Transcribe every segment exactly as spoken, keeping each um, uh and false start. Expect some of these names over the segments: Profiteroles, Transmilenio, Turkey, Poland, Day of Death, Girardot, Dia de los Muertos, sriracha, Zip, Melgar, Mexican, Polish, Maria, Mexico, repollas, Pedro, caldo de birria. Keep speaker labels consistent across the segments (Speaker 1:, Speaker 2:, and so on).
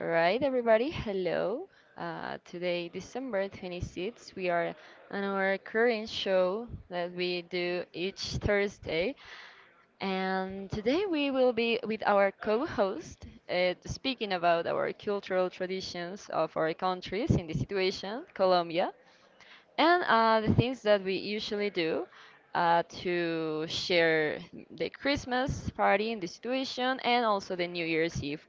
Speaker 1: All right, everybody, hello. Uh, today, December twenty-sixth, we are on our current show that we do each Thursday. And today we will be with our co host uh, speaking about our cultural traditions of our countries in this situation, Colombia. And uh, the things that we usually do uh, to share the Christmas party in the situation and also the New Year's Eve.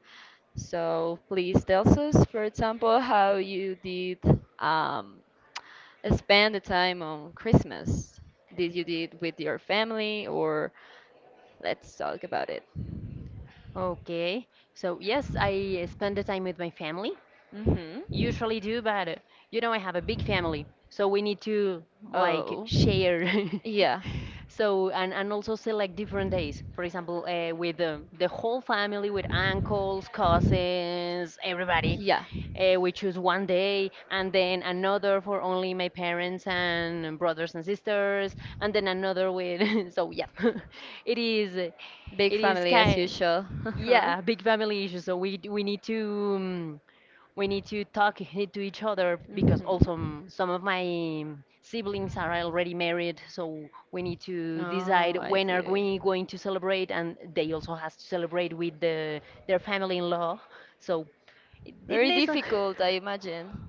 Speaker 1: So please tell us, for example, how you did um, spend the time on Christmas. Did you did with your family or let's talk about it.
Speaker 2: Okay. So yes, I spend the time with my family
Speaker 1: Mm-hmm.
Speaker 2: usually do, but you know, I have a big family, so we need to like
Speaker 1: Oh.
Speaker 2: share.
Speaker 1: Yeah.
Speaker 2: So and, and also select different days. For example, uh, with the, the whole family, with uncles, cousins, everybody,
Speaker 1: Yeah,
Speaker 2: uh, we choose one day, and then another for only my parents and brothers and sisters, and then another with. So yeah, it is, it
Speaker 1: big
Speaker 2: is
Speaker 1: family as
Speaker 2: kind.
Speaker 1: usual.
Speaker 2: Yeah, big family issue. So we d- we need to. um, we need to talk i- to each other, because also
Speaker 1: Mhm.
Speaker 2: m- some of my siblings are already married, so we need
Speaker 1: Oh,
Speaker 2: to decide
Speaker 1: I
Speaker 2: when are
Speaker 1: do.
Speaker 2: we going to celebrate, and they also has to celebrate with the, their family in law, so it, it
Speaker 1: Very
Speaker 2: needs a, uh,
Speaker 1: difficult, I imagine.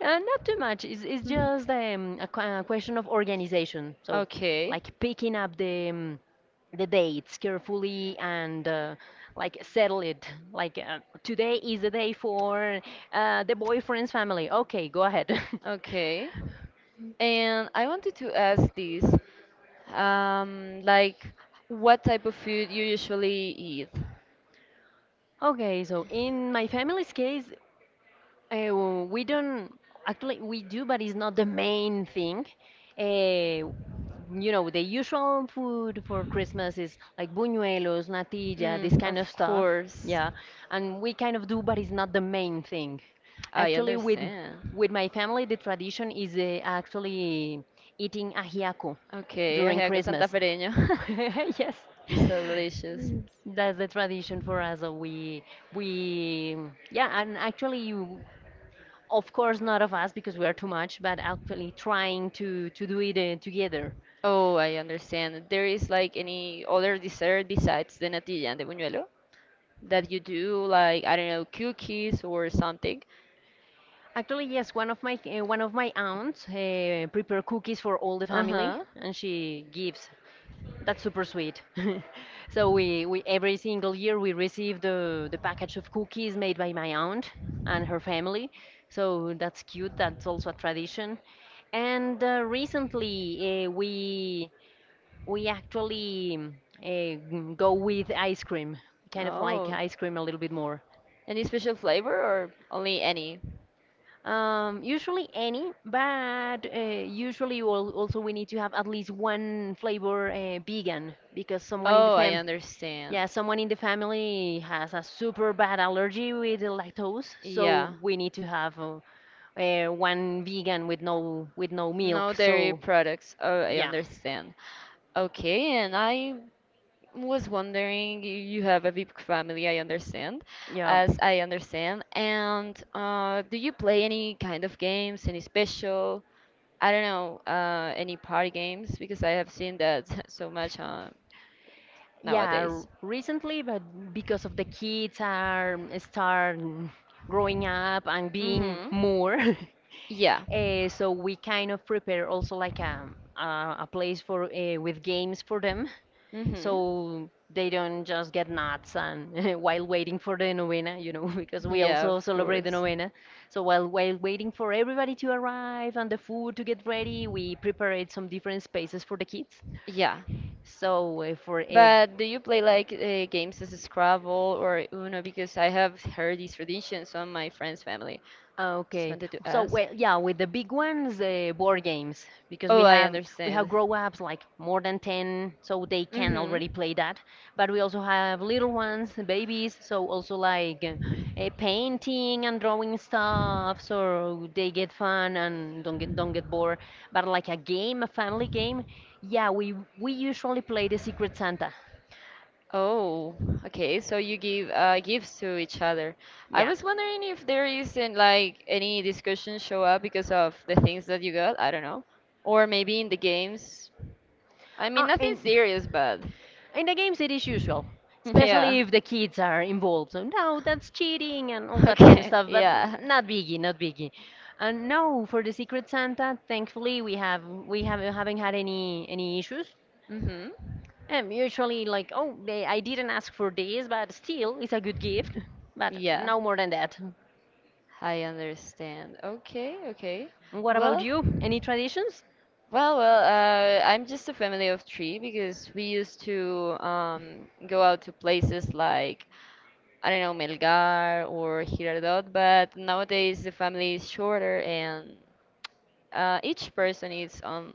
Speaker 2: not too much. It's, it's
Speaker 1: Mhm.
Speaker 2: just um, a, que- a question of organization, so
Speaker 1: Okay,
Speaker 2: like picking up the um, the dates carefully, and uh, like settle it. Like uh, today is the day for uh, the boyfriend's family. Okay, go ahead.
Speaker 1: okay. And I wanted to ask this. Um, like, what type of food you usually eat?
Speaker 2: Okay, so in my family's case, Uh, we don't, actually we do, but it's not the main thing. Uh, you know, the usual food for Christmas is like buñuelos, natilla, this
Speaker 1: Mm,
Speaker 2: kind of
Speaker 1: of
Speaker 2: stuff.
Speaker 1: course.
Speaker 2: Yeah, and we kind of do, but it's not the main thing.
Speaker 1: I
Speaker 2: Actually, with
Speaker 1: understand.
Speaker 2: with my family, the tradition is uh, actually eating ajiaco
Speaker 1: Okay, I
Speaker 2: during
Speaker 1: have
Speaker 2: Christmas.
Speaker 1: santafereño.
Speaker 2: Yes.
Speaker 1: So delicious.
Speaker 2: That's the tradition for us. uh, We we yeah, and actually you- of course, not of us, because we are too much, but actually trying to to do it uh, together.
Speaker 1: Oh, I understand. There is like any other dessert besides the natilla and the buñuelo that you do, like, I don't know, cookies or something.
Speaker 2: Actually, yes, one of my uh, one of my aunts uh, prepare cookies for all the family,
Speaker 1: Uh-huh.
Speaker 2: and she gives. That's super sweet. So we, we every single year we receive the the package of cookies made by my aunt and her family. So that's cute. That's also a tradition. And uh, recently, uh, we We actually uh, go with ice cream. We kind of like
Speaker 1: Oh.
Speaker 2: ice cream a little bit more.
Speaker 1: Any special flavor or only any?
Speaker 2: Um, usually any, but uh, usually al- also we need to have at least one flavor, uh, vegan, because someone in the
Speaker 1: Oh, I
Speaker 2: fam,
Speaker 1: understand.
Speaker 2: yeah, someone in the family has a super bad allergy with the lactose, so
Speaker 1: Yeah.
Speaker 2: we need to have uh, uh, one vegan with no, with no milk.
Speaker 1: No dairy
Speaker 2: So
Speaker 1: products. Oh, I
Speaker 2: yeah,
Speaker 1: understand. Okay, and I was wondering, you you have a big family, I understand.
Speaker 2: yeah.
Speaker 1: As I understand. And uh, do you play any kind of games, any special, I don't know, uh, any party games? Because I have seen that so much uh,
Speaker 2: Yeah, r-
Speaker 1: nowadays.
Speaker 2: recently, but because of the kids are start growing up and being
Speaker 1: Mm-hmm.
Speaker 2: more,
Speaker 1: Yeah.
Speaker 2: uh, so we kind of prepare also like a a, a place for, uh, with games for them,
Speaker 1: Mm-hmm.
Speaker 2: so they don't just get nuts and while waiting for the novena, you know, because we
Speaker 1: Yeah,
Speaker 2: also
Speaker 1: of
Speaker 2: celebrate the
Speaker 1: course.
Speaker 2: novena. So while while waiting for everybody to arrive and the food to get ready, we prepared some different spaces for the kids,
Speaker 1: Yeah.
Speaker 2: so uh, for it.
Speaker 1: But do you play like uh, games as Scrabble or Uno? Because I have heard these traditions from my friend's family. Just
Speaker 2: Okay.
Speaker 1: wanted to
Speaker 2: So
Speaker 1: ask.
Speaker 2: well, yeah, with the big ones, the board games, because
Speaker 1: Oh,
Speaker 2: we
Speaker 1: I
Speaker 2: have we have
Speaker 1: understand.
Speaker 2: grown-ups like more than ten, so they can
Speaker 1: Mm-hmm.
Speaker 2: already play that. But we also have little ones, babies, so also like uh, eh, painting and drawing stuff, so they get fun and don't get don't get bored. But like a game, a family game, yeah, we we usually play the Secret Santa.
Speaker 1: Oh, okay. So you give uh, gifts to each other. I
Speaker 2: Yeah.
Speaker 1: was wondering if there isn't like any discussion show up because of the things that you got. I don't know. Or maybe in the games. I mean,
Speaker 2: Uh,
Speaker 1: nothing
Speaker 2: in
Speaker 1: serious, but
Speaker 2: in the games it is usual,
Speaker 1: yeah.
Speaker 2: especially if the kids are involved. So no, that's cheating and all that kind of
Speaker 1: Okay,
Speaker 2: stuff. But
Speaker 1: yeah.
Speaker 2: not biggie, not biggie. And no, for the Secret Santa, thankfully we have we have haven't had any any issues.
Speaker 1: Mm-hmm.
Speaker 2: And usually like, oh, they, I didn't ask for this, but still it's a good gift. But
Speaker 1: Yeah.
Speaker 2: no more than that.
Speaker 1: I understand. Okay, okay.
Speaker 2: What about
Speaker 1: Well,
Speaker 2: you? Any traditions?
Speaker 1: well, well, uh, I'm just a family of three because we used to um, go out to places like, I don't know, Melgar or Girardot, but nowadays the family is shorter and uh, each person is on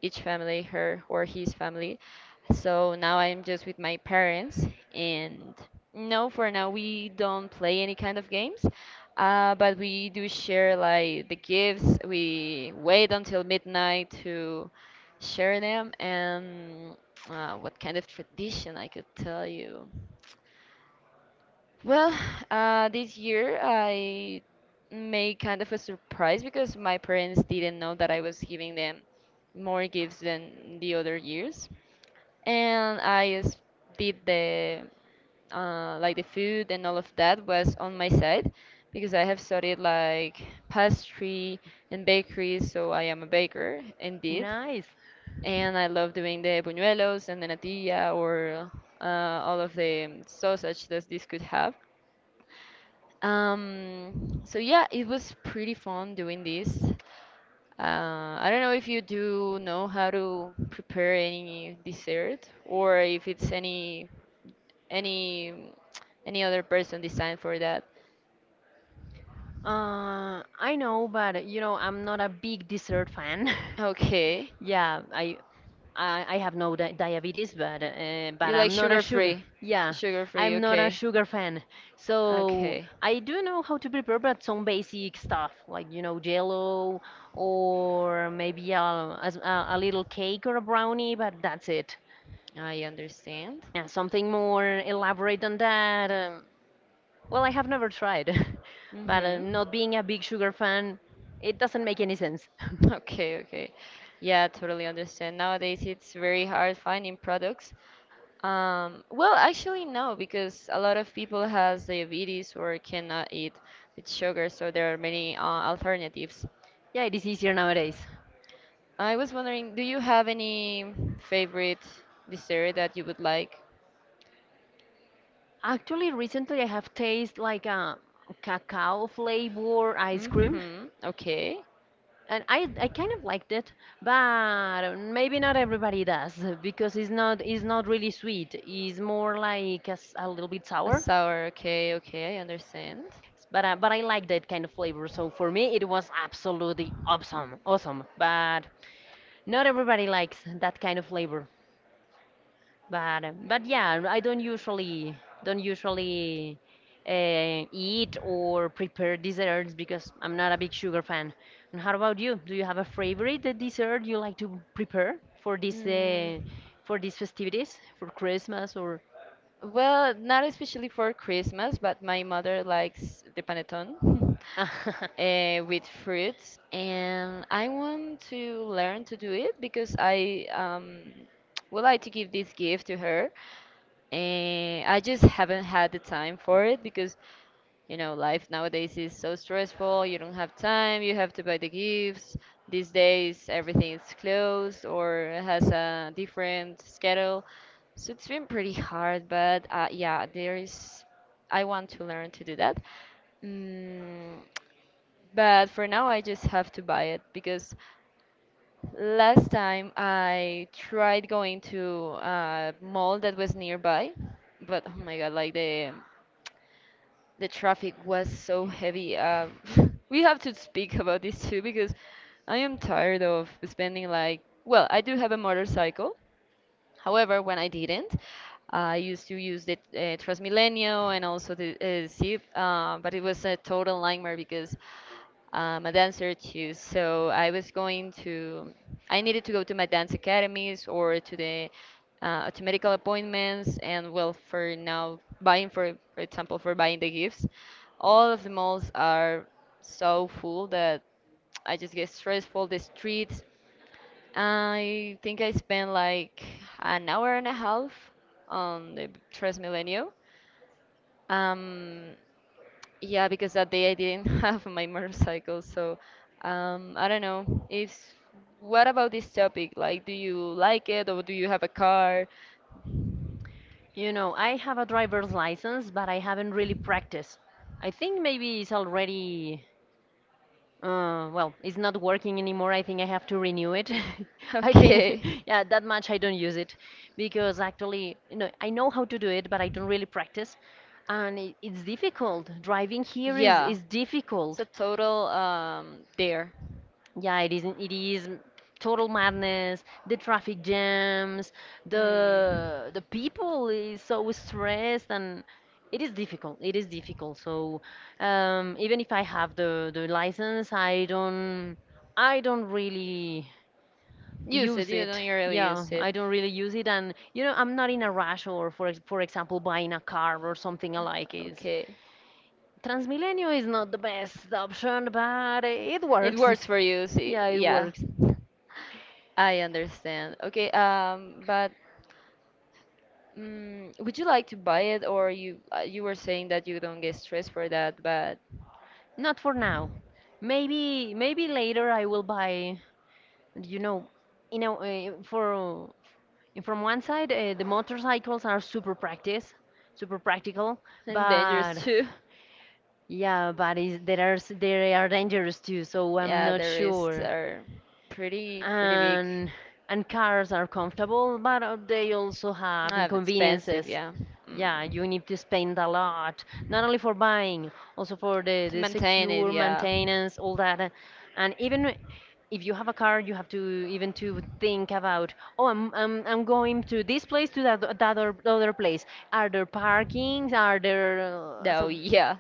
Speaker 1: each family, her or his family. So now I'm just with my parents, and no, for now we don't play any kind of games, uh, but we do share like the gifts. We wait until midnight to share them, and uh, what kind of tradition I could tell you. Well, uh, this year I made kind of a surprise because my parents didn't know that I was giving them more gifts than the other years, and I s- did the uh, like the food and all of that was on my side because I have studied like pastry and bakery, so I am a baker indeed,
Speaker 2: Nice.
Speaker 1: and I love doing the buñuelos and the natilla or uh, all of the sausage that this could have. Um, so yeah, it was pretty fun doing this. Uh, I don't know if you do know how to prepare any dessert or if it's any any any other person designed for that.
Speaker 2: Uh, I know, but you know, I'm not a big dessert fan.
Speaker 1: Okay.
Speaker 2: Yeah, I, I I have no di diabetes, but uh,
Speaker 1: You
Speaker 2: but
Speaker 1: like
Speaker 2: I'm not a
Speaker 1: sugar
Speaker 2: sugar.
Speaker 1: free?
Speaker 2: Yeah,
Speaker 1: Sugar free,
Speaker 2: I'm not a
Speaker 1: okay.
Speaker 2: sugar fan. So
Speaker 1: Okay.
Speaker 2: I do know how to prepare, but some basic stuff like, you know jello, or maybe a a, s- a- a little cake or a brownie, but that's it.
Speaker 1: I understand.
Speaker 2: Yeah, something more elaborate than that. um, well, I have never tried, but uh,
Speaker 1: Mhm.
Speaker 2: not being a big sugar fan, it doesn't make any sense.
Speaker 1: Okay, okay. Yeah, totally understand. Nowadays it's very hard finding products. Um, well, actually, no, because a lot of people has diabetes or cannot eat with sugar, so there are many uh, alternatives.
Speaker 2: Yeah, it is easier nowadays.
Speaker 1: I was wondering, do you have any favorite dessert that you would like?
Speaker 2: Actually, recently I have tasted like a cacao flavor ice cream.
Speaker 1: Mm-hmm. Okay.
Speaker 2: And I I kind of liked it, but maybe not everybody does, because it's not it's not really sweet. It's more like a, s- a little bit
Speaker 1: A
Speaker 2: sour.
Speaker 1: sour. Okay. Okay. I understand.
Speaker 2: But uh, but I like that kind of flavor. So for me, it was absolutely awesome, awesome. But not everybody likes that kind of flavor. But um, but yeah, I don't usually don't usually uh, eat or prepare desserts, because I'm not a big sugar fan. And how about you? Do you have a favorite uh, dessert you like to prepare for this uh, for these festivities, for Christmas or?
Speaker 1: Well, not especially for Christmas, but my mother likes the panettone uh, with fruits, and I want to learn to do it because I um, would like to give this gift to her. And I just haven't had the time for it because you know, life nowadays is so stressful. You don't have time. You have to buy the gifts. These days, everything is closed or has a different schedule. So it's been pretty hard, but uh, yeah, there is. I want to learn to do that. Mm, but for now, I just have to buy it because last time I tried going to a mall that was nearby, but oh my god, like the the traffic was so heavy. Uh, we have to speak about this too because I am tired of spending like, well, I do have a motorcycle. However, when I didn't, I used to use the uh, Transmilenio and also the uh, Zip, uh, but it was a total nightmare because I'm a dancer too. So I was going to, I needed to go to my dance academies or to the uh, to medical appointments and well for now buying for for example for buying the gifts, all of the malls are so full that I just get stressful. The streets, I think I spent like an hour and a half on the Transmilenio. Um, yeah, because that day I didn't have my motorcycle, so um, I don't know. If what about this topic? Like, do you like it or do you have a car?
Speaker 2: You know, I have a driver's license, but I haven't really practiced. I think maybe it's already. Uh, well, it's not working anymore. I think I have to renew it. I think,
Speaker 1: Okay.
Speaker 2: yeah, that much I don't use it, because actually, you know, I know how to do it, but I don't really practice, and it, it's difficult. Driving here is
Speaker 1: Yeah.
Speaker 2: is
Speaker 1: It's
Speaker 2: difficult.
Speaker 1: a total um there.
Speaker 2: Yeah, it is. It is total madness. The traffic jams.
Speaker 1: Mm.
Speaker 2: The the people is so stressed, and it is difficult. It is difficult. So, um, even if I have the the license, I don't I don't really
Speaker 1: Use it.
Speaker 2: use
Speaker 1: You
Speaker 2: it.
Speaker 1: don't really
Speaker 2: Yeah,
Speaker 1: use it.
Speaker 2: I don't really use it, and you know I'm not in a rush, or for ex- for example buying a car or something alike is.
Speaker 1: Okay.
Speaker 2: Transmilenio is not the best option, but it
Speaker 1: It
Speaker 2: works.
Speaker 1: works for you. See,
Speaker 2: Yeah, it
Speaker 1: yeah.
Speaker 2: works.
Speaker 1: I understand. Okay, um, but mm, would you like to buy it, or you uh, you were saying that you don't get stressed for that, but
Speaker 2: Not for now. Maybe maybe later I will buy, you know, you know, uh, for uh, from one side, uh, the motorcycles are super practice, super practical,
Speaker 1: and dangerous
Speaker 2: but
Speaker 1: too.
Speaker 2: yeah, but is, there are s- they are dangerous too, so I'm
Speaker 1: Yeah, the
Speaker 2: not
Speaker 1: risks
Speaker 2: sure.
Speaker 1: are pretty pretty big.
Speaker 2: And and cars are comfortable, but uh, they also have
Speaker 1: Ah, it's expensive,
Speaker 2: inconveniences.
Speaker 1: yeah.
Speaker 2: Yeah,
Speaker 1: Mm.
Speaker 2: you need to spend a lot, not only for buying, also for the,
Speaker 1: To
Speaker 2: the
Speaker 1: maintain it,
Speaker 2: secure
Speaker 1: yeah.
Speaker 2: maintenance, all that. uh, And even if you have a car, you have to even to think about, oh, I'm, I'm, I'm going to this place, to that, that other, other place. Are there parkings? Are there uh,
Speaker 1: No,
Speaker 2: so
Speaker 1: yeah,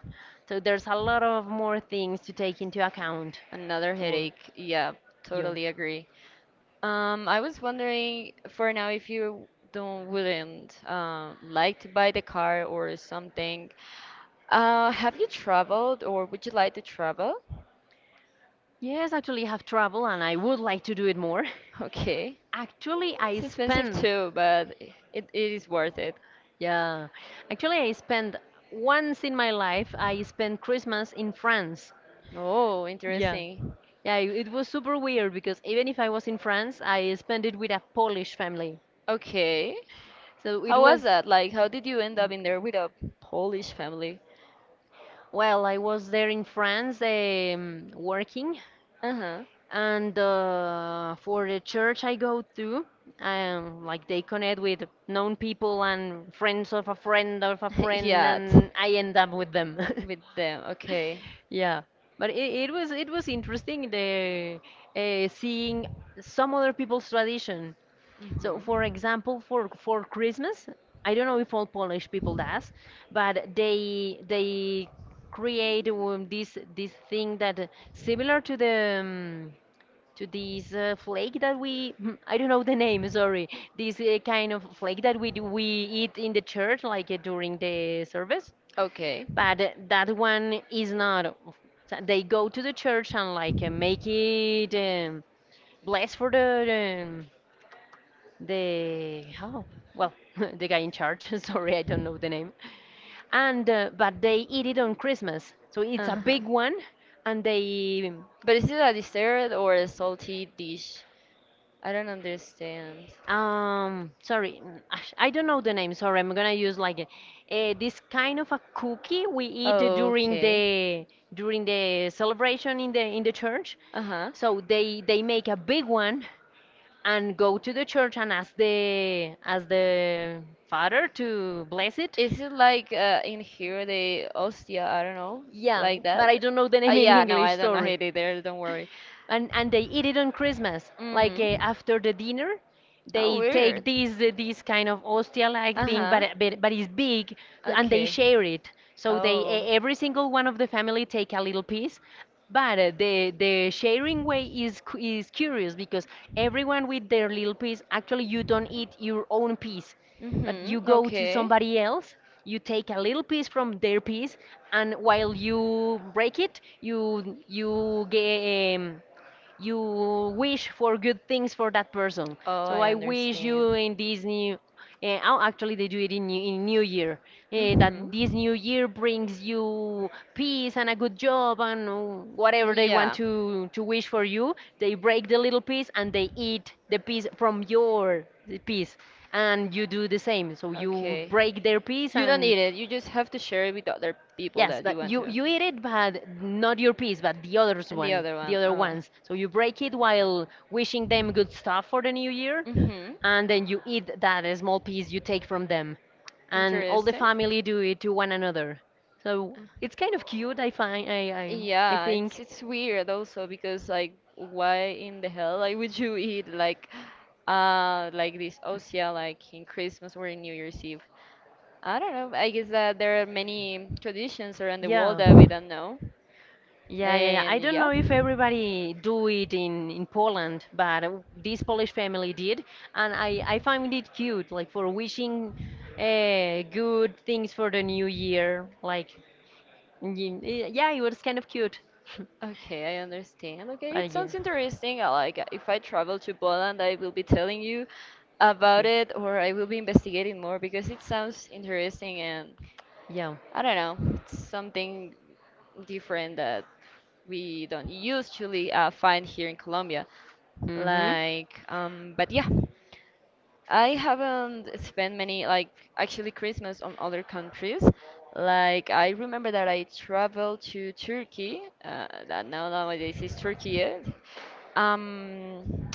Speaker 2: so there's a lot of more things to take into account
Speaker 1: another
Speaker 2: for
Speaker 1: headache, yeah.
Speaker 2: you.
Speaker 1: Totally agree. um I was wondering for now if you don't wouldn't um like to buy the car or something, uh have you traveled or would you like to travel?
Speaker 2: Yes, actually, I have travel and I would like to do it more.
Speaker 1: Okay,
Speaker 2: Actually, I
Speaker 1: it's expensive
Speaker 2: spent
Speaker 1: too, but it, it is worth it.
Speaker 2: Yeah, actually, I spent once in my life, I spent Christmas in France.
Speaker 1: Oh,
Speaker 2: Yeah,
Speaker 1: interesting.
Speaker 2: yeah, it it was super weird, because even if I was in France, I spent it with a Polish family.
Speaker 1: Okay,
Speaker 2: So it
Speaker 1: how was
Speaker 2: was,
Speaker 1: that, like, how did you end up in there with a polish family?
Speaker 2: well, I was there in France, um, working,
Speaker 1: Uh-huh.
Speaker 2: and uh, for the church I go to, um, like they connect with known people and friends of a friend of a friend,
Speaker 1: yeah, t-
Speaker 2: and I end up with them.
Speaker 1: with them. Okay.
Speaker 2: Yeah, but it, it was it was interesting, the uh, seeing some other people's tradition. So,
Speaker 1: Hmm.
Speaker 2: for example, for for Christmas, I don't know if all Polish people does, but they they create, um, this this thing that uh, similar to the um, to this uh, flake that we I don't know the name, sorry. This uh, kind of flake that we do, we eat in the church like uh, during the service,
Speaker 1: Okay.
Speaker 2: but uh, that one is not, so they go to the church and like, uh, make it um, blessed for the um, the oh, well, the guy in charge. Sorry, I don't know the name. And uh, but they eat it on Christmas, so it's a
Speaker 1: Uh-huh.
Speaker 2: big one. And they
Speaker 1: But is it a dessert or a salty dish? I don't understand.
Speaker 2: um sorry, mm, ash- I don't know the name, sorry, I'm gonna use like uh, this kind of a cookie we eat during
Speaker 1: Okay.
Speaker 2: the during the celebration in the in the church.
Speaker 1: Uh-huh.
Speaker 2: So they they make a big one, and go to the church and ask the ask the father to bless it.
Speaker 1: Is it like uh, in here the Ostia? I don't know,
Speaker 2: Yeah,
Speaker 1: like
Speaker 2: but
Speaker 1: that.
Speaker 2: I don't know the
Speaker 1: Uh,
Speaker 2: name in
Speaker 1: yeah, no,
Speaker 2: English,
Speaker 1: I don't know
Speaker 2: sorry.
Speaker 1: it either. Don't worry.
Speaker 2: And and they eat it on Christmas. Like uh,
Speaker 1: Mhm.
Speaker 2: after the dinner,
Speaker 1: Oh,
Speaker 2: they take
Speaker 1: weird.
Speaker 2: this uh, this kind of ostia-like
Speaker 1: Uh
Speaker 2: thing,
Speaker 1: huh.
Speaker 2: but, uh, but but it's big, and they
Speaker 1: Okay.
Speaker 2: share it. So they
Speaker 1: Oh.
Speaker 2: e- every single one of the family take a little piece. But uh, the the sharing way is cu- is curious because everyone with their little piece. Actually, you don't eat your own piece, but you
Speaker 1: Mhm.
Speaker 2: go to
Speaker 1: Okay.
Speaker 2: somebody else. You take a little piece from their piece, and while you break it, you you get. Um, you wish for good things for that person.
Speaker 1: Oh, I
Speaker 2: So I wish you
Speaker 1: understand.
Speaker 2: in this new, uh, oh, actually they do it in New, in new Year uh, that
Speaker 1: Mhm.
Speaker 2: this new year brings you peace and a good job and uh, whatever they want to to wish for you.
Speaker 1: Yeah.
Speaker 2: They break the little piece and they eat the piece from your piece, and you do the same. So you
Speaker 1: Okay.
Speaker 2: break their piece
Speaker 1: You don't
Speaker 2: and.
Speaker 1: eat it. You just have to share it with other people
Speaker 2: Yes,
Speaker 1: that you
Speaker 2: but
Speaker 1: want
Speaker 2: you
Speaker 1: to.
Speaker 2: you eat it, but not your piece, but the others
Speaker 1: And the
Speaker 2: one,
Speaker 1: other
Speaker 2: the
Speaker 1: one.
Speaker 2: other
Speaker 1: Uh,
Speaker 2: ones. So you break it while wishing them good stuff for the new year,
Speaker 1: mhm.
Speaker 2: and then you eat that small piece you take from them, and all the
Speaker 1: Interesting.
Speaker 2: family do it to one another. So it's kind of cute, I find. I I I
Speaker 1: Yeah, it's
Speaker 2: think.
Speaker 1: it's weird also because like why in the hell like would you eat like uh like this osia like in Christmas or in New Year's Eve? I don't know. I guess that there are many traditions around the world
Speaker 2: Yeah.
Speaker 1: that we don't know.
Speaker 2: Yeah, yeah, yeah. I
Speaker 1: And
Speaker 2: don't know
Speaker 1: yeah.
Speaker 2: if everybody do it in in Poland, but uh, this Polish family did, and I I find it cute, like for wishing uh, good things for the new year. Like, y- y- yeah, it was kind of cute.
Speaker 1: Okay, I understand. Okay, it
Speaker 2: But yeah,
Speaker 1: sounds interesting. I like, uh, if I travel to Poland, I will be telling you about it or I will be investigating more because it sounds interesting and
Speaker 2: yeah.
Speaker 1: I don't know, it's something different that we don't usually uh, find here in Colombia.
Speaker 2: hmm
Speaker 1: Like, um, but yeah, I haven't spent many, like, actually Christmas on other countries. Like, I remember that I traveled to Turkey, uh, that now nowadays is Turkey. Eh? Um,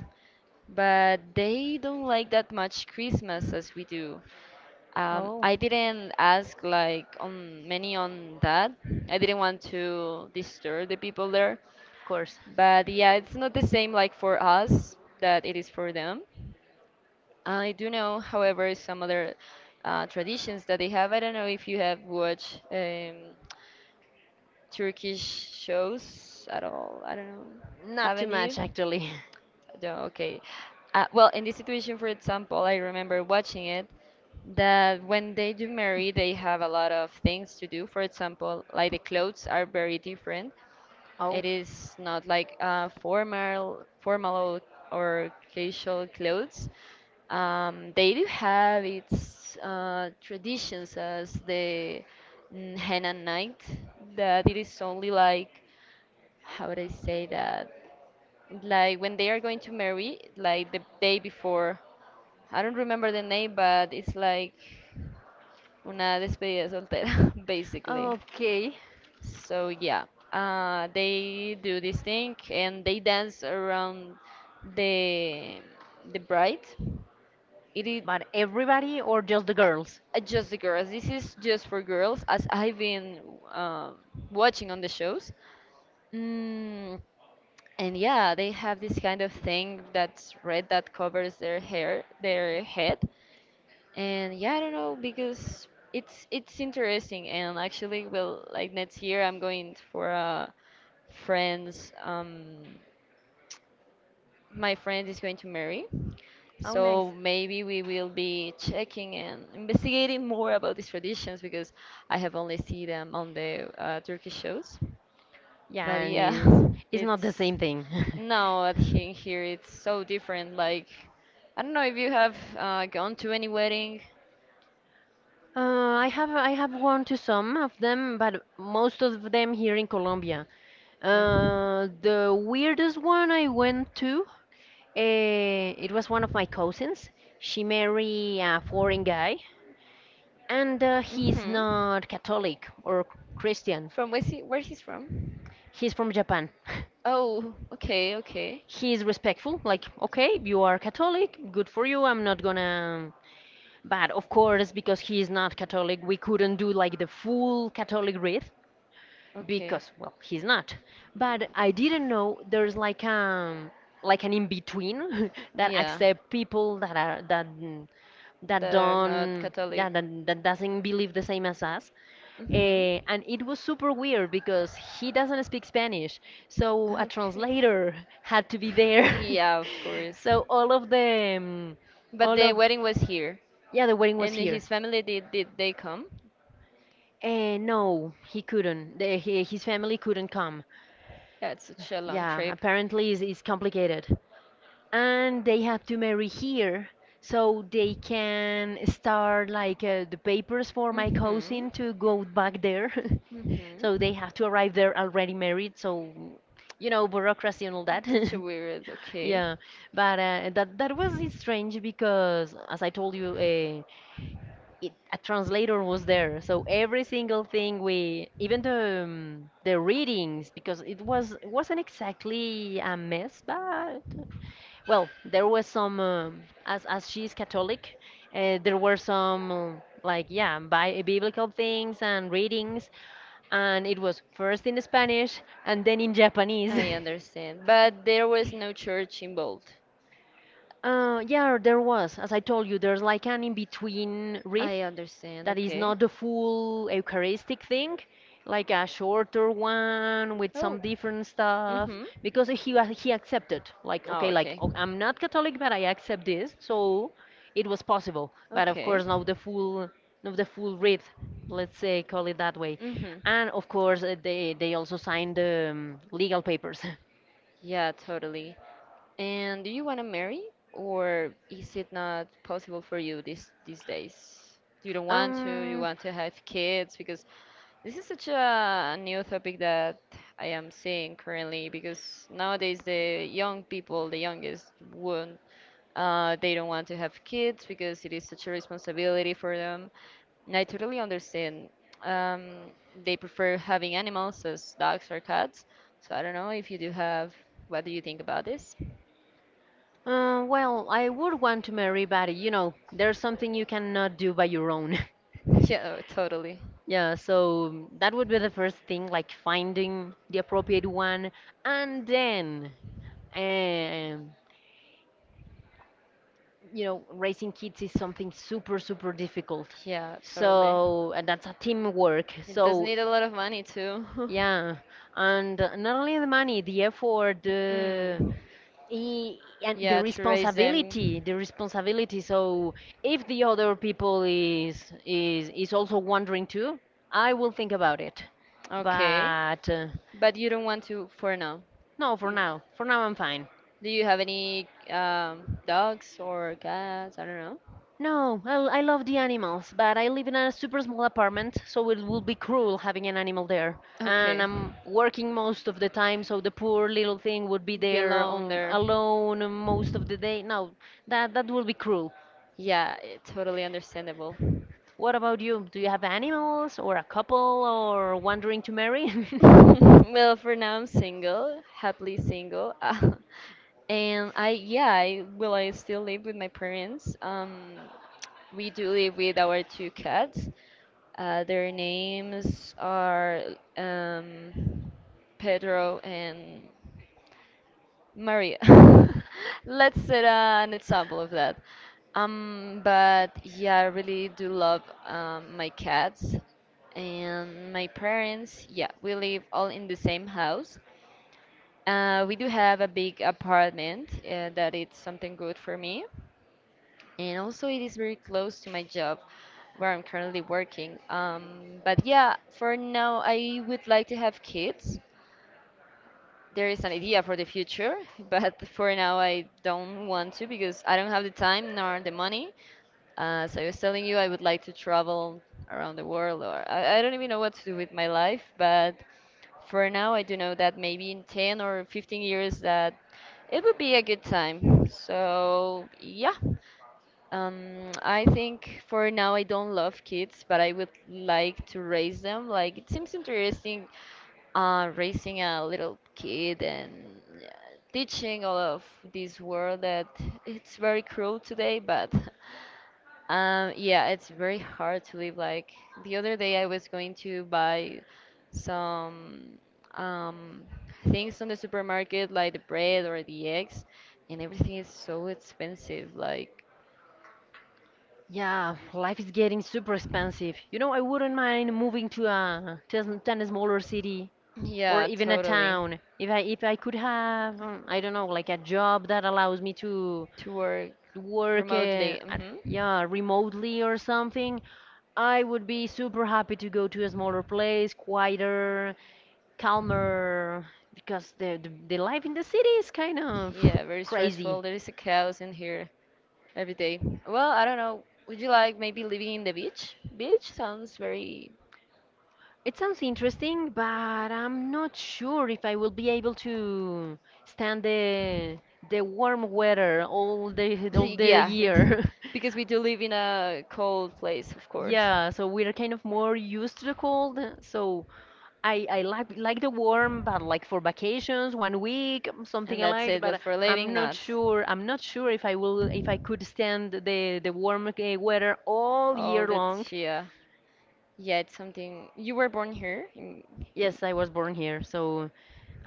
Speaker 1: but they don't like that much Christmas as we do. Um,
Speaker 2: Oh.
Speaker 1: I didn't ask like on many on that. I didn't want to disturb the people there.
Speaker 2: Of course.
Speaker 1: But yeah, it's not the same like for us that it is for them. I do know, however, some other uh, traditions that they have. I don't know if you have watched um, Turkish shows at all? I don't know.
Speaker 2: Not too
Speaker 1: Haven't you?
Speaker 2: much, actually.
Speaker 1: No, okay. Uh, well, in this situation, for example, I remember watching it that when they do marry, they have a lot of things to do. For example, like the clothes are very different.
Speaker 2: Oh,
Speaker 1: It is not like uh, formal, formal or casual clothes. Um, they do have its uh, traditions as the mm, henna night, that it is only like, how would I say that? Like when they are going to marry, like the day before. I don't remember the name, but it's like una despedida soltera, basically.
Speaker 2: okay.
Speaker 1: So yeah, uh, they do this thing and they dance around the the bride. It is
Speaker 2: But everybody or just the girls?
Speaker 1: uh, just the girls. This is just for girls, as I've been um, watching on the shows. Mm, and yeah, they have this kind of thing that's red that covers their hair, their head, and yeah, I don't know because it's it's interesting and actually well like next year I'm going for a friend's um my friend is going to marry
Speaker 2: Oh, nice.
Speaker 1: so maybe we will be checking and investigating more about these traditions because I have only seen them on the uh, Turkish shows
Speaker 2: Yeah,
Speaker 1: but
Speaker 2: and
Speaker 1: yeah
Speaker 2: it's, it's not the
Speaker 1: it's
Speaker 2: same thing.
Speaker 1: no, I think here it's so different. Like, I don't know if you have uh, gone to any wedding.
Speaker 2: Uh, I have I have gone to some of them, but most of them here in Colombia.
Speaker 1: Mm.
Speaker 2: Uh, the weirdest one I went to, uh, it was one of my cousins. She married a foreign guy, and uh, he's
Speaker 1: Mm-hmm.
Speaker 2: not Catholic or Christian.
Speaker 1: From where's he? Where he's from?
Speaker 2: He's from Japan.
Speaker 1: Oh, okay, okay,
Speaker 2: He's respectful, like, okay, you are Catholic, good for you. I'm not gonna. But of course, because he's not Catholic, we couldn't do like the full Catholic wreath
Speaker 1: okay.
Speaker 2: because well he's not but I didn't know there's like um like an in between that
Speaker 1: Yeah,
Speaker 2: accept people that are that mm,
Speaker 1: that
Speaker 2: that
Speaker 1: are not
Speaker 2: don't
Speaker 1: Catholic.
Speaker 2: that, that, that doesn't believe the same as us, uh,
Speaker 1: Mm-hmm.
Speaker 2: and it was super weird because he doesn't speak Spanish, so a
Speaker 1: Okay.
Speaker 2: translator had to be there.
Speaker 1: Yeah, of course.
Speaker 2: So all of the um,
Speaker 1: But
Speaker 2: all
Speaker 1: the
Speaker 2: of
Speaker 1: wedding was here,
Speaker 2: yeah, the wedding was
Speaker 1: and
Speaker 2: here.
Speaker 1: his family did did they come?
Speaker 2: uh, no, he couldn't. The, he, his family couldn't come.
Speaker 1: Yeah, it's such a long
Speaker 2: Yeah,
Speaker 1: trip.
Speaker 2: apparently it's, it's complicated. And they have to marry here so they can start like uh, the papers for my
Speaker 1: Mm-hmm.
Speaker 2: cousin to go back there. So
Speaker 1: Mm-hmm.
Speaker 2: they have to arrive there already married, so you know, bureaucracy and all that.
Speaker 1: It's such a weird, okay.
Speaker 2: Yeah, but uh, that that was strange because as I told you, uh, it, a translator was there, so every single thing we even the um, the readings, because it was, it wasn't exactly a mess, but well there was some um, as as she's Catholic, uh, there were some um, like yeah, bi- biblical things and readings, and it was first in Spanish and then in Japanese.
Speaker 1: I understand. But there was no church involved.
Speaker 2: Uh, yeah, there was. As I told you, there's like an in-between read
Speaker 1: I understand,
Speaker 2: that is
Speaker 1: okay.
Speaker 2: not the full Eucharistic thing, like a shorter one with some
Speaker 1: Oh.
Speaker 2: different stuff,
Speaker 1: Mm-hmm.
Speaker 2: because he wa- he accepted, like
Speaker 1: Oh,
Speaker 2: okay, like
Speaker 1: okay.
Speaker 2: oh, I'm not Catholic, but I accept this, so it was possible. But of
Speaker 1: Okay.
Speaker 2: course, not the full, not the full writ, let's say, call it that way.
Speaker 1: Mm-hmm.
Speaker 2: And of course, uh, they they also signed the um, legal papers.
Speaker 1: Yeah, totally. And do you want to marry, or is it not possible for you these these days? You don't want to. You
Speaker 2: um.
Speaker 1: want to have kids because this is such a new topic that I am seeing currently because nowadays the young people, the youngest, won't, uh, they don't want to have kids because it is such a responsibility for them. And I totally understand. Um, they prefer having animals as dogs or cats. So I don't know if you do have, what do you think about this?
Speaker 2: Uh, well, I would want to marry, but you know, there's something you cannot do by your own.
Speaker 1: Yeah, oh, totally.
Speaker 2: Yeah, so that would be the first thing, like finding the appropriate one, and then, um, you know, raising kids is something super, super difficult.
Speaker 1: Yeah, totally.
Speaker 2: So, and that's a teamwork.
Speaker 1: It does
Speaker 2: So,
Speaker 1: need a lot of money too.
Speaker 2: yeah, and not only the money, the effort, the
Speaker 1: Mm.
Speaker 2: i- and the
Speaker 1: Yeah, to raise
Speaker 2: responsibility,
Speaker 1: them.
Speaker 2: the responsibility. So, if the other people is is is also wondering too, I will think about it.
Speaker 1: Okay.
Speaker 2: But uh,
Speaker 1: But you don't want to for now.
Speaker 2: no, for
Speaker 1: You,
Speaker 2: now. For now I'm fine.
Speaker 1: do you have any um, dogs or cats? I don't know.
Speaker 2: No, I, I love the animals, but I live in a super small apartment, so it would be cruel having an animal there. And
Speaker 1: Okay.
Speaker 2: I'm working most of the time, so the poor little thing would be
Speaker 1: Be
Speaker 2: there
Speaker 1: alone
Speaker 2: um,
Speaker 1: there.
Speaker 2: alone most of the day. No, that that would be cruel.
Speaker 1: Yeah, it- totally understandable.
Speaker 2: What about you? Do you have animals or a couple or wondering to marry?
Speaker 1: Well, for now I'm single, happily single. Uh, and I yeah, I will I still live with my parents. Um We do live with our two cats. Uh, their names are um, Pedro and Maria. Let's set an example of that. Um, but yeah, I really do love um, my cats and my parents. Yeah, we live all in the same house. Uh, we do have a big apartment uh, that it's something good for me, and also it is very close to my job where I'm currently working. Um, but yeah, for now I would like to have kids. There is an idea for the future, but for now I don't want to because I don't have the time nor the money. Uh, so I was telling you I would like to travel around the world, or I, I don't even know what to do with my life. But for now, I do know that maybe in ten or fifteen years that it would be a good time. So yeah. Um, I think for now I don't love kids, but I would like to raise them. Like it seems interesting, uh, raising a little kid and yeah, teaching all of this world that it's very cruel today. But um, yeah, it's very hard to live. Like the other day, I was going to buy some um, things on the supermarket, like the bread or the eggs, and everything is so expensive. Like
Speaker 2: Yeah, life is getting super expensive. You know, I wouldn't mind moving to a to a, to a smaller city or
Speaker 1: yeah,
Speaker 2: even a
Speaker 1: totally.
Speaker 2: town if I if I could have um, I don't know, like a job that allows me to
Speaker 1: To work
Speaker 2: work uh,
Speaker 1: remotely.
Speaker 2: at,
Speaker 1: Hmm.
Speaker 2: yeah, remotely or something. I would be super happy to go to a smaller place, quieter, calmer, because the the, the life in the city is kind of
Speaker 1: Yeah, very stressful.
Speaker 2: crazy.
Speaker 1: There is a chaos in here every day. Well, I don't know. Would you like maybe living in the beach? Beach sounds very.
Speaker 2: It sounds interesting, but I'm not sure if I will be able to stand the the warm weather all the all the
Speaker 1: Yeah, it-
Speaker 2: year.
Speaker 1: because we do live in a cold place, of course.
Speaker 2: Yeah, so we're kind of more used to the cold. So I I like like the warm, but like for vacations, one week, um,
Speaker 1: And
Speaker 2: something I
Speaker 1: that's
Speaker 2: like.
Speaker 1: it, but
Speaker 2: But
Speaker 1: for living,
Speaker 2: I'm not
Speaker 1: not.
Speaker 2: sure. I'm not sure if I will if I could stand the the warm uh, weather all year
Speaker 1: All that
Speaker 2: long.
Speaker 1: yeah. Yeah, it's something. You were born here in, in
Speaker 2: Yes, I was born here, so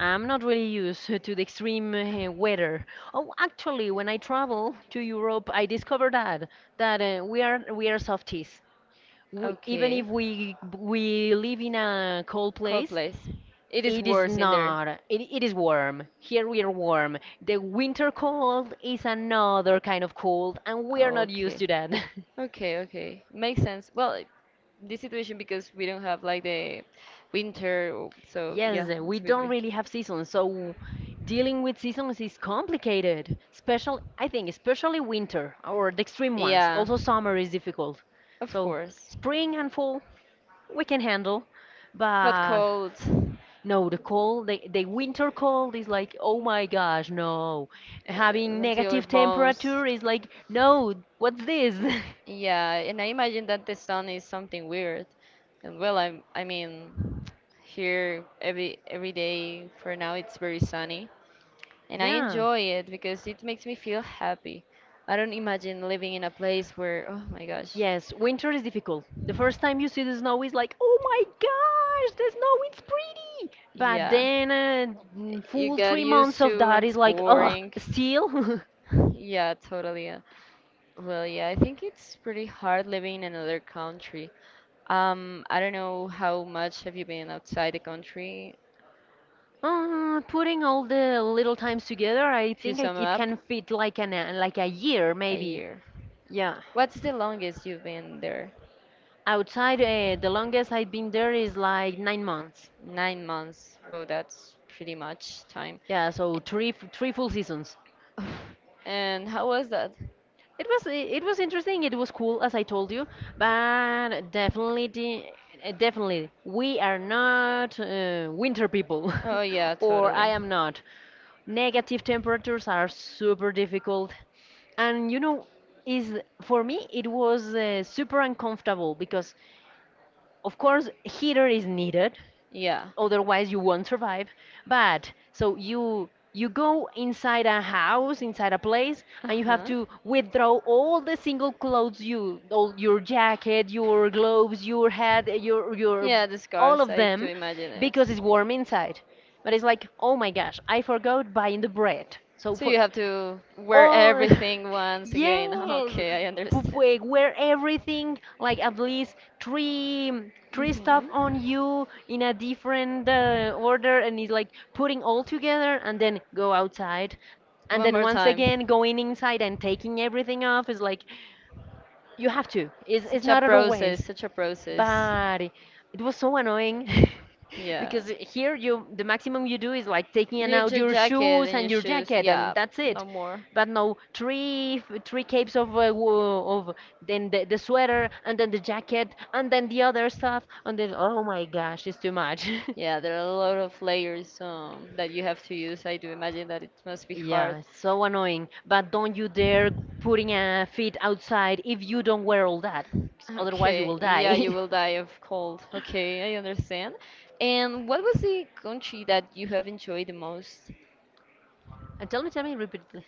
Speaker 2: I'm not really used to the extreme uh, weather. Oh, actually, when I travel to Europe, I discovered that that uh, we are we are softies. We, even if
Speaker 1: okay.
Speaker 2: we we live in a cold
Speaker 1: Cold
Speaker 2: place,
Speaker 1: place. It is
Speaker 2: it is
Speaker 1: worse in there.
Speaker 2: not. It, it is warm. Here we are warm. The winter cold is another kind of cold, and we are not
Speaker 1: Okay.
Speaker 2: used to that.
Speaker 1: Okay, okay. Makes sense. Well, i- this situation because we don't have like the winter, or- so yeah,
Speaker 2: Yes, uh, we
Speaker 1: it's with
Speaker 2: don't
Speaker 1: me.
Speaker 2: really have seasons, so dealing with seasons is complicated. Special, I think, especially winter or the extreme ones.
Speaker 1: Yeah,
Speaker 2: Also, summer is difficult.
Speaker 1: of
Speaker 2: So
Speaker 1: course.
Speaker 2: spring and fall we can handle,
Speaker 1: But
Speaker 2: but
Speaker 1: cold
Speaker 2: no, the cold, the, the winter cold is like, oh my gosh, no.
Speaker 1: uh,
Speaker 2: Having
Speaker 1: until your
Speaker 2: negative
Speaker 1: bones
Speaker 2: temperature is like, no, what's this?
Speaker 1: yeah, and I imagine that the sun is something weird. And well, I am I mean, here every every day for now it's very sunny, and I
Speaker 2: Yeah.
Speaker 1: enjoy it because it makes me feel happy. I don't imagine living in a place where, oh my gosh.
Speaker 2: Yes, winter is difficult. The first time you see the snow is like, oh my gosh, the snow it's pretty. But
Speaker 1: Yeah.
Speaker 2: then uh, mm,
Speaker 1: You
Speaker 2: full three
Speaker 1: got
Speaker 2: months
Speaker 1: used
Speaker 2: of
Speaker 1: to
Speaker 2: that is
Speaker 1: it's
Speaker 2: like, ugh,
Speaker 1: boring.
Speaker 2: still.
Speaker 1: Yeah, totally. uh, Well, yeah, I think it's pretty hard living in another country. Um, I don't know how much have you been outside the country?
Speaker 2: Uh, putting all the little times together, I
Speaker 1: If you
Speaker 2: think I,
Speaker 1: sum
Speaker 2: it
Speaker 1: up,
Speaker 2: can fit like an uh, like a year
Speaker 1: a
Speaker 2: maybe.
Speaker 1: year.
Speaker 2: Yeah.
Speaker 1: What's the longest you've been there?
Speaker 2: Outside, uh, the longest I've been there is like nine months.
Speaker 1: Nine months. Well, that's pretty much time.
Speaker 2: Yeah, so three f- three full seasons.
Speaker 1: And how was that?
Speaker 2: It was it was interesting. It was cool, as I told you, but definitely, the- uh, definitely, we are not uh, winter people,
Speaker 1: Oh yeah,
Speaker 2: or I
Speaker 1: totally.
Speaker 2: am not. Negative temperatures are super difficult, and you know, is for me it was uh, super uncomfortable because, of course, heater is needed,
Speaker 1: Yeah.
Speaker 2: otherwise you won't survive, but so you you go inside a house inside a place and you have
Speaker 1: Uh-huh.
Speaker 2: to withdraw all the single clothes, you all your jacket, your gloves, your hat, eh, your your
Speaker 1: Yeah, the
Speaker 2: all
Speaker 1: scarf.
Speaker 2: of
Speaker 1: I
Speaker 2: them
Speaker 1: to imagine it.
Speaker 2: because it's warm inside, but it's like oh my gosh, I forgot buying the bread, so
Speaker 1: So
Speaker 2: for
Speaker 1: you have to wear
Speaker 2: Oh,
Speaker 1: everything once again.
Speaker 2: yes.
Speaker 1: Okay, I understand.
Speaker 2: Pufwe, wear everything, like at least three three stuff on you in a different uh, order, and it's like putting all together, and then go outside, and
Speaker 1: One
Speaker 2: then
Speaker 1: more
Speaker 2: once
Speaker 1: time.
Speaker 2: again going inside and taking everything off is like you have to. It's it's
Speaker 1: Such a
Speaker 2: not other
Speaker 1: process,
Speaker 2: ways,
Speaker 1: such a process.
Speaker 2: but it was so annoying.
Speaker 1: Yeah.
Speaker 2: Because here you the maximum you do is like taking
Speaker 1: Your
Speaker 2: out
Speaker 1: ja-
Speaker 2: your
Speaker 1: jacket
Speaker 2: shoes
Speaker 1: and your
Speaker 2: and your
Speaker 1: shoes,
Speaker 2: jacket
Speaker 1: yeah,
Speaker 2: and that's
Speaker 1: no
Speaker 2: it,
Speaker 1: more.
Speaker 2: but no, three three capes of uh, wo- of then the, the sweater and then the jacket and then the other stuff and then oh my gosh, it's too much.
Speaker 1: Yeah, there are a lot of layers um, that you have to use. I do imagine that it must be
Speaker 2: Yeah,
Speaker 1: hard.
Speaker 2: it's so annoying. But don't you dare putting a feet outside if you don't wear all that. 'Cause otherwise, you
Speaker 1: Okay,
Speaker 2: will
Speaker 1: yeah, you
Speaker 2: die.
Speaker 1: will die of cold. Okay, I understand. And what was the country that you have enjoyed the most?
Speaker 2: And tell me, tell me, repeat, please.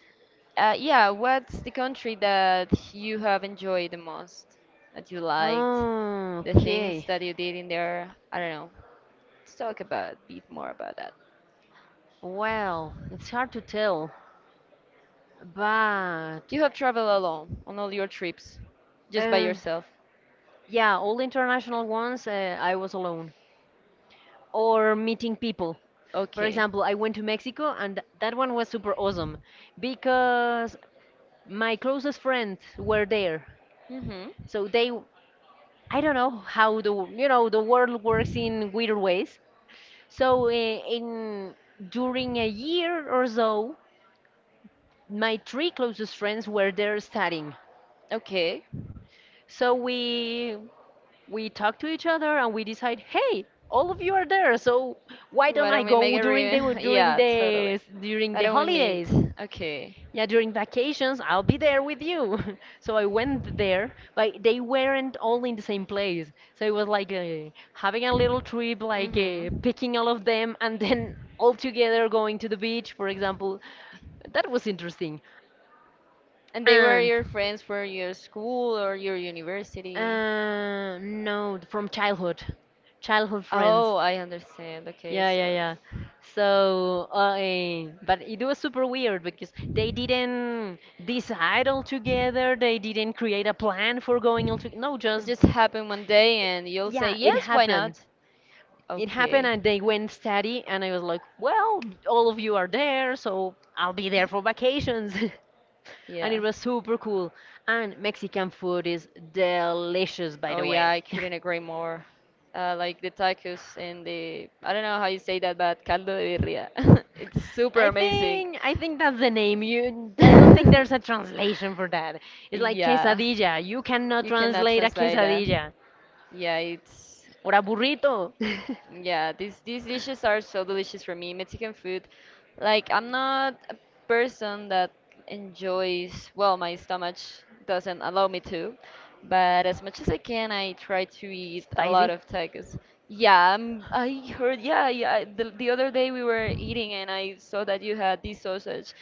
Speaker 1: Uh, yeah, what's the country that you have enjoyed the most? That you liked?
Speaker 2: Oh,
Speaker 1: The things
Speaker 2: okay.
Speaker 1: that you did in there? I don't know. Let's talk about a bit more about that.
Speaker 2: Well, it's hard to tell, but
Speaker 1: You have traveled alone on all your trips, just by
Speaker 2: uh,
Speaker 1: yourself.
Speaker 2: yeah, all the international ones, uh, I was alone or meeting people. For
Speaker 1: Okay.
Speaker 2: example, I went to Mexico and th- that one was super awesome because my closest friends were there.
Speaker 1: Mm-hmm.
Speaker 2: So they, I don't know how the, w- you know, the world works in weird ways. So uh, in during a year or so, my three closest friends were there studying.
Speaker 1: Okay.
Speaker 2: So we we talk to each other and we decide, hey, all of you are there, so why
Speaker 1: Why
Speaker 2: don't I
Speaker 1: don't we make
Speaker 2: go
Speaker 1: a
Speaker 2: during the
Speaker 1: re-
Speaker 2: during
Speaker 1: Yeah, totally.
Speaker 2: the during
Speaker 1: Why
Speaker 2: the
Speaker 1: don't we meet?
Speaker 2: holidays?
Speaker 1: Okay.
Speaker 2: Yeah, during vacations, I'll be there with you. So I went there, but they weren't all in the same place. So it was like uh, having a little trip, like uh,
Speaker 1: Mm-hmm.
Speaker 2: picking all of them and then all together going to the beach, for example. That was interesting.
Speaker 1: And they were
Speaker 2: And
Speaker 1: your friends for your school or your university?
Speaker 2: uh, no, from childhood, childhood friends.
Speaker 1: Oh, I understand. Okay,
Speaker 2: Yeah, yeah,
Speaker 1: so.
Speaker 2: yeah. So, uh, eh, but it was super weird because they didn't decide all together. They didn't create a plan for going all together. No,
Speaker 1: It
Speaker 2: just
Speaker 1: just happened one day and you'll say,
Speaker 2: yeah, it
Speaker 1: yes, why
Speaker 2: happened.
Speaker 1: not?
Speaker 2: It happened,
Speaker 1: Okay.
Speaker 2: and they went steady, and I was like, well, all of you are there, so I'll be there for vacations. And it
Speaker 1: Yeah.
Speaker 2: was super cool. And Mexican food is delicious, by
Speaker 1: Oh,
Speaker 2: the
Speaker 1: yeah,
Speaker 2: way.
Speaker 1: I couldn't agree more. Uh, like the tacos and the, I don't know how you say that, but caldo de birria. It's super
Speaker 2: I
Speaker 1: amazing.
Speaker 2: think I think that's the name. You, I don't think there's a translation for that. It's like
Speaker 1: yeah,
Speaker 2: quesadilla. You cannot
Speaker 1: you cannot
Speaker 2: translate a
Speaker 1: translate that.
Speaker 2: quesadilla
Speaker 1: Yeah, it's
Speaker 2: or a burrito.
Speaker 1: yeah, these these dishes are so delicious for me. Mexican food, like I'm not a person that enjoys, well, my stomach doesn't allow me to, but as much as I can, I try to eat a lot
Speaker 2: Spicy.
Speaker 1: of tacos. Yeah, i I heard, yeah, yeah, I- the, the other day we were eating and I saw that you had this sausage.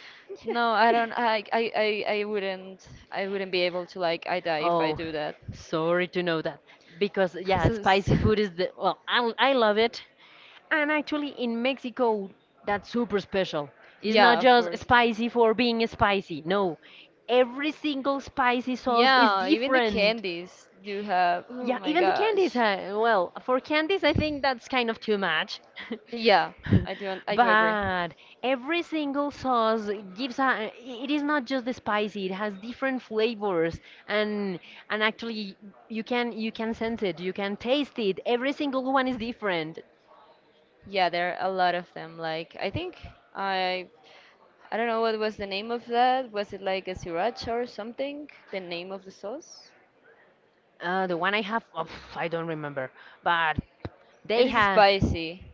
Speaker 1: No, I don't, I, I, I, I wouldn't, I wouldn't be able to, like, I die if I
Speaker 2: Oh,
Speaker 1: do that.
Speaker 2: sorry to know that. Because, yeah,
Speaker 1: So,
Speaker 2: spicy food
Speaker 1: it's-
Speaker 2: is the, well, I, I love it. And actually, in Mexico, that's super special. It's not
Speaker 1: yeah, of
Speaker 2: just
Speaker 1: course.
Speaker 2: spicy for being spicy. No, every single spicy sauce is
Speaker 1: Yeah, even the
Speaker 2: different.
Speaker 1: candies do have. Oh
Speaker 2: Yeah,
Speaker 1: my
Speaker 2: even the candies.
Speaker 1: gosh.
Speaker 2: Uh, well, for candies, I think that's kind of too much.
Speaker 1: Yeah, I do. un- I do agree.
Speaker 2: But every single sauce gives a. It is not just the spicy. It has different flavors, and and actually, you can you can sense it. You can taste it. Every single one is different.
Speaker 1: Yeah, there are a lot of them. Like I think I I don't know what was the name of that. Was it like a sriracha or something? The name of the sauce?
Speaker 2: Uh, the one I have, oh, I don't remember, but they
Speaker 1: It is
Speaker 2: have.
Speaker 1: spicy,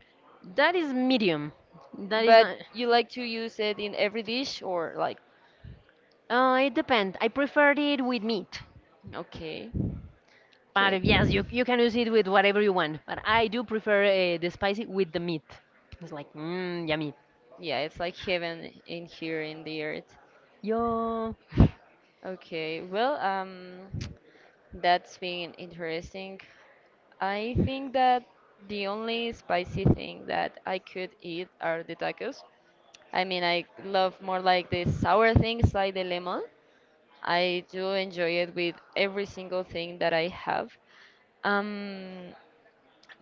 Speaker 2: That is medium. That is
Speaker 1: but
Speaker 2: not.
Speaker 1: you like to use it in every dish or like
Speaker 2: Uh, it depends. I preferred it with meat.
Speaker 1: okay,
Speaker 2: But uh,
Speaker 1: okay.
Speaker 2: yes, you you can use it with whatever you want. But I do prefer uh, the spicy with the meat. It's like, mmm, yummy.
Speaker 1: Yeah, it's like heaven in here in the earth.
Speaker 2: Yo.
Speaker 1: Okay, well, um, that's been interesting. I think that the only spicy thing that I could eat are the tacos. I mean, I love more like the sour things, like the lemon. I do enjoy it with every single thing that I have. Um,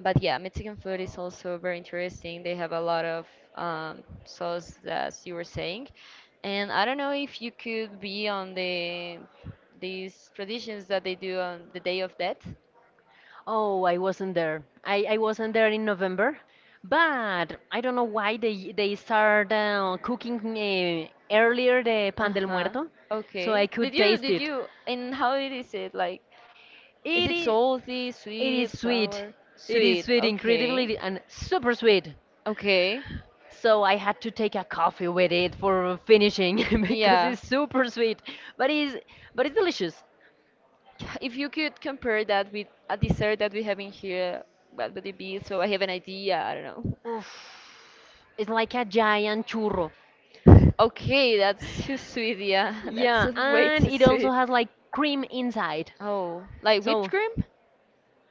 Speaker 1: but yeah, Mexican food is also very interesting. They have a lot of um, sauce, as you were saying, and I don't know if you could be on the these traditions that they do on the Day of Death.
Speaker 2: Oh, I wasn't there. I, I wasn't there in November, but I don't know why they they start uh, cooking uh, earlier the
Speaker 1: Uh
Speaker 2: pan del
Speaker 1: huh.
Speaker 2: muerto, so I
Speaker 1: Okay. Did
Speaker 2: could
Speaker 1: you
Speaker 2: taste
Speaker 1: did
Speaker 2: it.
Speaker 1: you and how it is it like? Is
Speaker 2: It
Speaker 1: it
Speaker 2: is
Speaker 1: salty,
Speaker 2: it is
Speaker 1: sweet,
Speaker 2: sweet.
Speaker 1: sour?
Speaker 2: It is
Speaker 1: Sweet.
Speaker 2: sweet, incredibly
Speaker 1: Okay.
Speaker 2: and super sweet.
Speaker 1: Okay.
Speaker 2: So I had to take a coffee with it for finishing because
Speaker 1: Yeah.
Speaker 2: it's super sweet, but it's but it's delicious.
Speaker 1: If you could compare that with a dessert that we have in here, what would it be? So I have an idea. I don't know.
Speaker 2: Oof. It's like a giant churro.
Speaker 1: Okay, that's too sweet. Yeah, that's
Speaker 2: Yeah,
Speaker 1: way
Speaker 2: and
Speaker 1: too
Speaker 2: it also
Speaker 1: sweet.
Speaker 2: has like cream inside.
Speaker 1: Oh, like whipped
Speaker 2: So,
Speaker 1: cream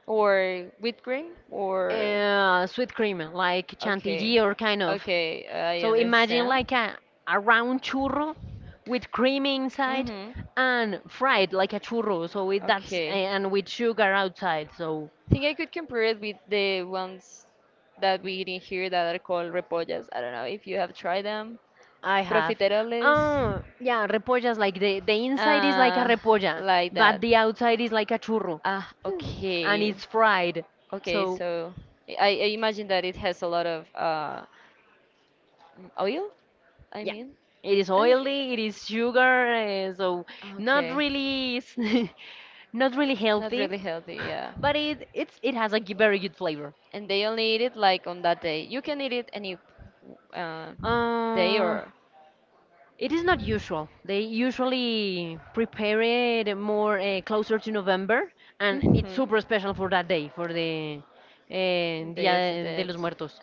Speaker 1: or whipped cream or
Speaker 2: uh, sweet cream, like chantilly
Speaker 1: okay,
Speaker 2: or kind of.
Speaker 1: okay, I
Speaker 2: So imagine
Speaker 1: understand.
Speaker 2: like a, a round churro with cream inside
Speaker 1: Mhm.
Speaker 2: and fried like a churro. So with that's
Speaker 1: Okay.
Speaker 2: and with sugar outside. So
Speaker 1: Think I could compare it with the ones that we eat in here that are called repollas. I don't know if you have tried them.
Speaker 2: I have.
Speaker 1: Profiteroles.
Speaker 2: Oh, yeah, repollas, like the, the inside is like a
Speaker 1: Uh,
Speaker 2: repolla,
Speaker 1: like
Speaker 2: but
Speaker 1: that.
Speaker 2: the outside is like a churro,
Speaker 1: Ah,
Speaker 2: and
Speaker 1: okay.
Speaker 2: it's fried.
Speaker 1: Okay,
Speaker 2: So,
Speaker 1: so I, I I imagine that it has a lot of uh, m- oil, I
Speaker 2: yeah,
Speaker 1: mean.
Speaker 2: it is
Speaker 1: Uh,
Speaker 2: oily, it is sugar, eh, so not
Speaker 1: Okay.
Speaker 2: really, s- not really
Speaker 1: Not
Speaker 2: healthy,
Speaker 1: really healthy, yeah.
Speaker 2: but it it's it has a g- very good flavor.
Speaker 1: And they only eat it like on that day. You can eat it any uh, day
Speaker 2: Uh,
Speaker 1: or
Speaker 2: It is not usual. They usually prepare it more uh, closer to November, and it's
Speaker 1: Mhm.
Speaker 2: super special for that day, for the uh,
Speaker 1: Day of the
Speaker 2: Dia de
Speaker 1: dead.
Speaker 2: los Muertos.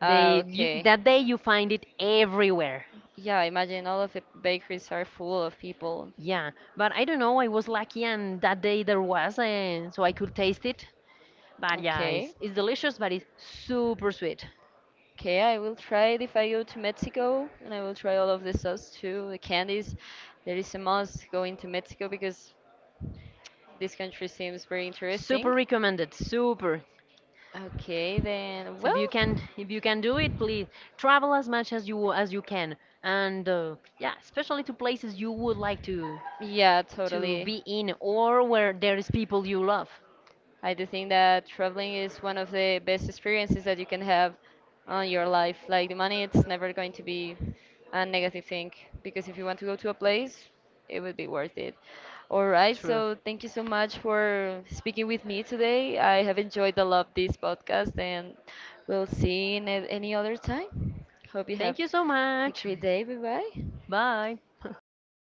Speaker 1: Ah,
Speaker 2: They you,
Speaker 1: okay.
Speaker 2: that day you find it everywhere.
Speaker 1: Yeah, imagine all of the bakeries are full of people.
Speaker 2: Yeah, but I don't know. I was lucky, and that day there was, uh, so I could taste it. But yeah, it's,
Speaker 1: Okay.
Speaker 2: it's delicious, but it's super sweet.
Speaker 1: Okay, I will try it if I go to Mexico, and I will try all of the sauce too, the candies. There is a must going to Mexico because this country seems very
Speaker 2: Super
Speaker 1: interesting.
Speaker 2: recommended. Super.
Speaker 1: Okay, then,
Speaker 2: So if you
Speaker 1: well,
Speaker 2: can, if you can do it, please travel as much as you as you can, and uh, yeah, especially to places you would like to
Speaker 1: yeah,
Speaker 2: to
Speaker 1: totally.
Speaker 2: be in or where there is people you love.
Speaker 1: I do think that traveling is one of the best experiences that you can have on your life. Like the money, it's never going to be a negative thing because if you want to go to a place, it would be worth it. All right,
Speaker 2: True.
Speaker 1: so thank you so much for speaking with me today. I have enjoyed a lot this podcast and we'll see you in a- any other time. Hope you have
Speaker 2: Thank you so
Speaker 1: a
Speaker 2: much.
Speaker 1: great day. Bye bye.
Speaker 2: Bye.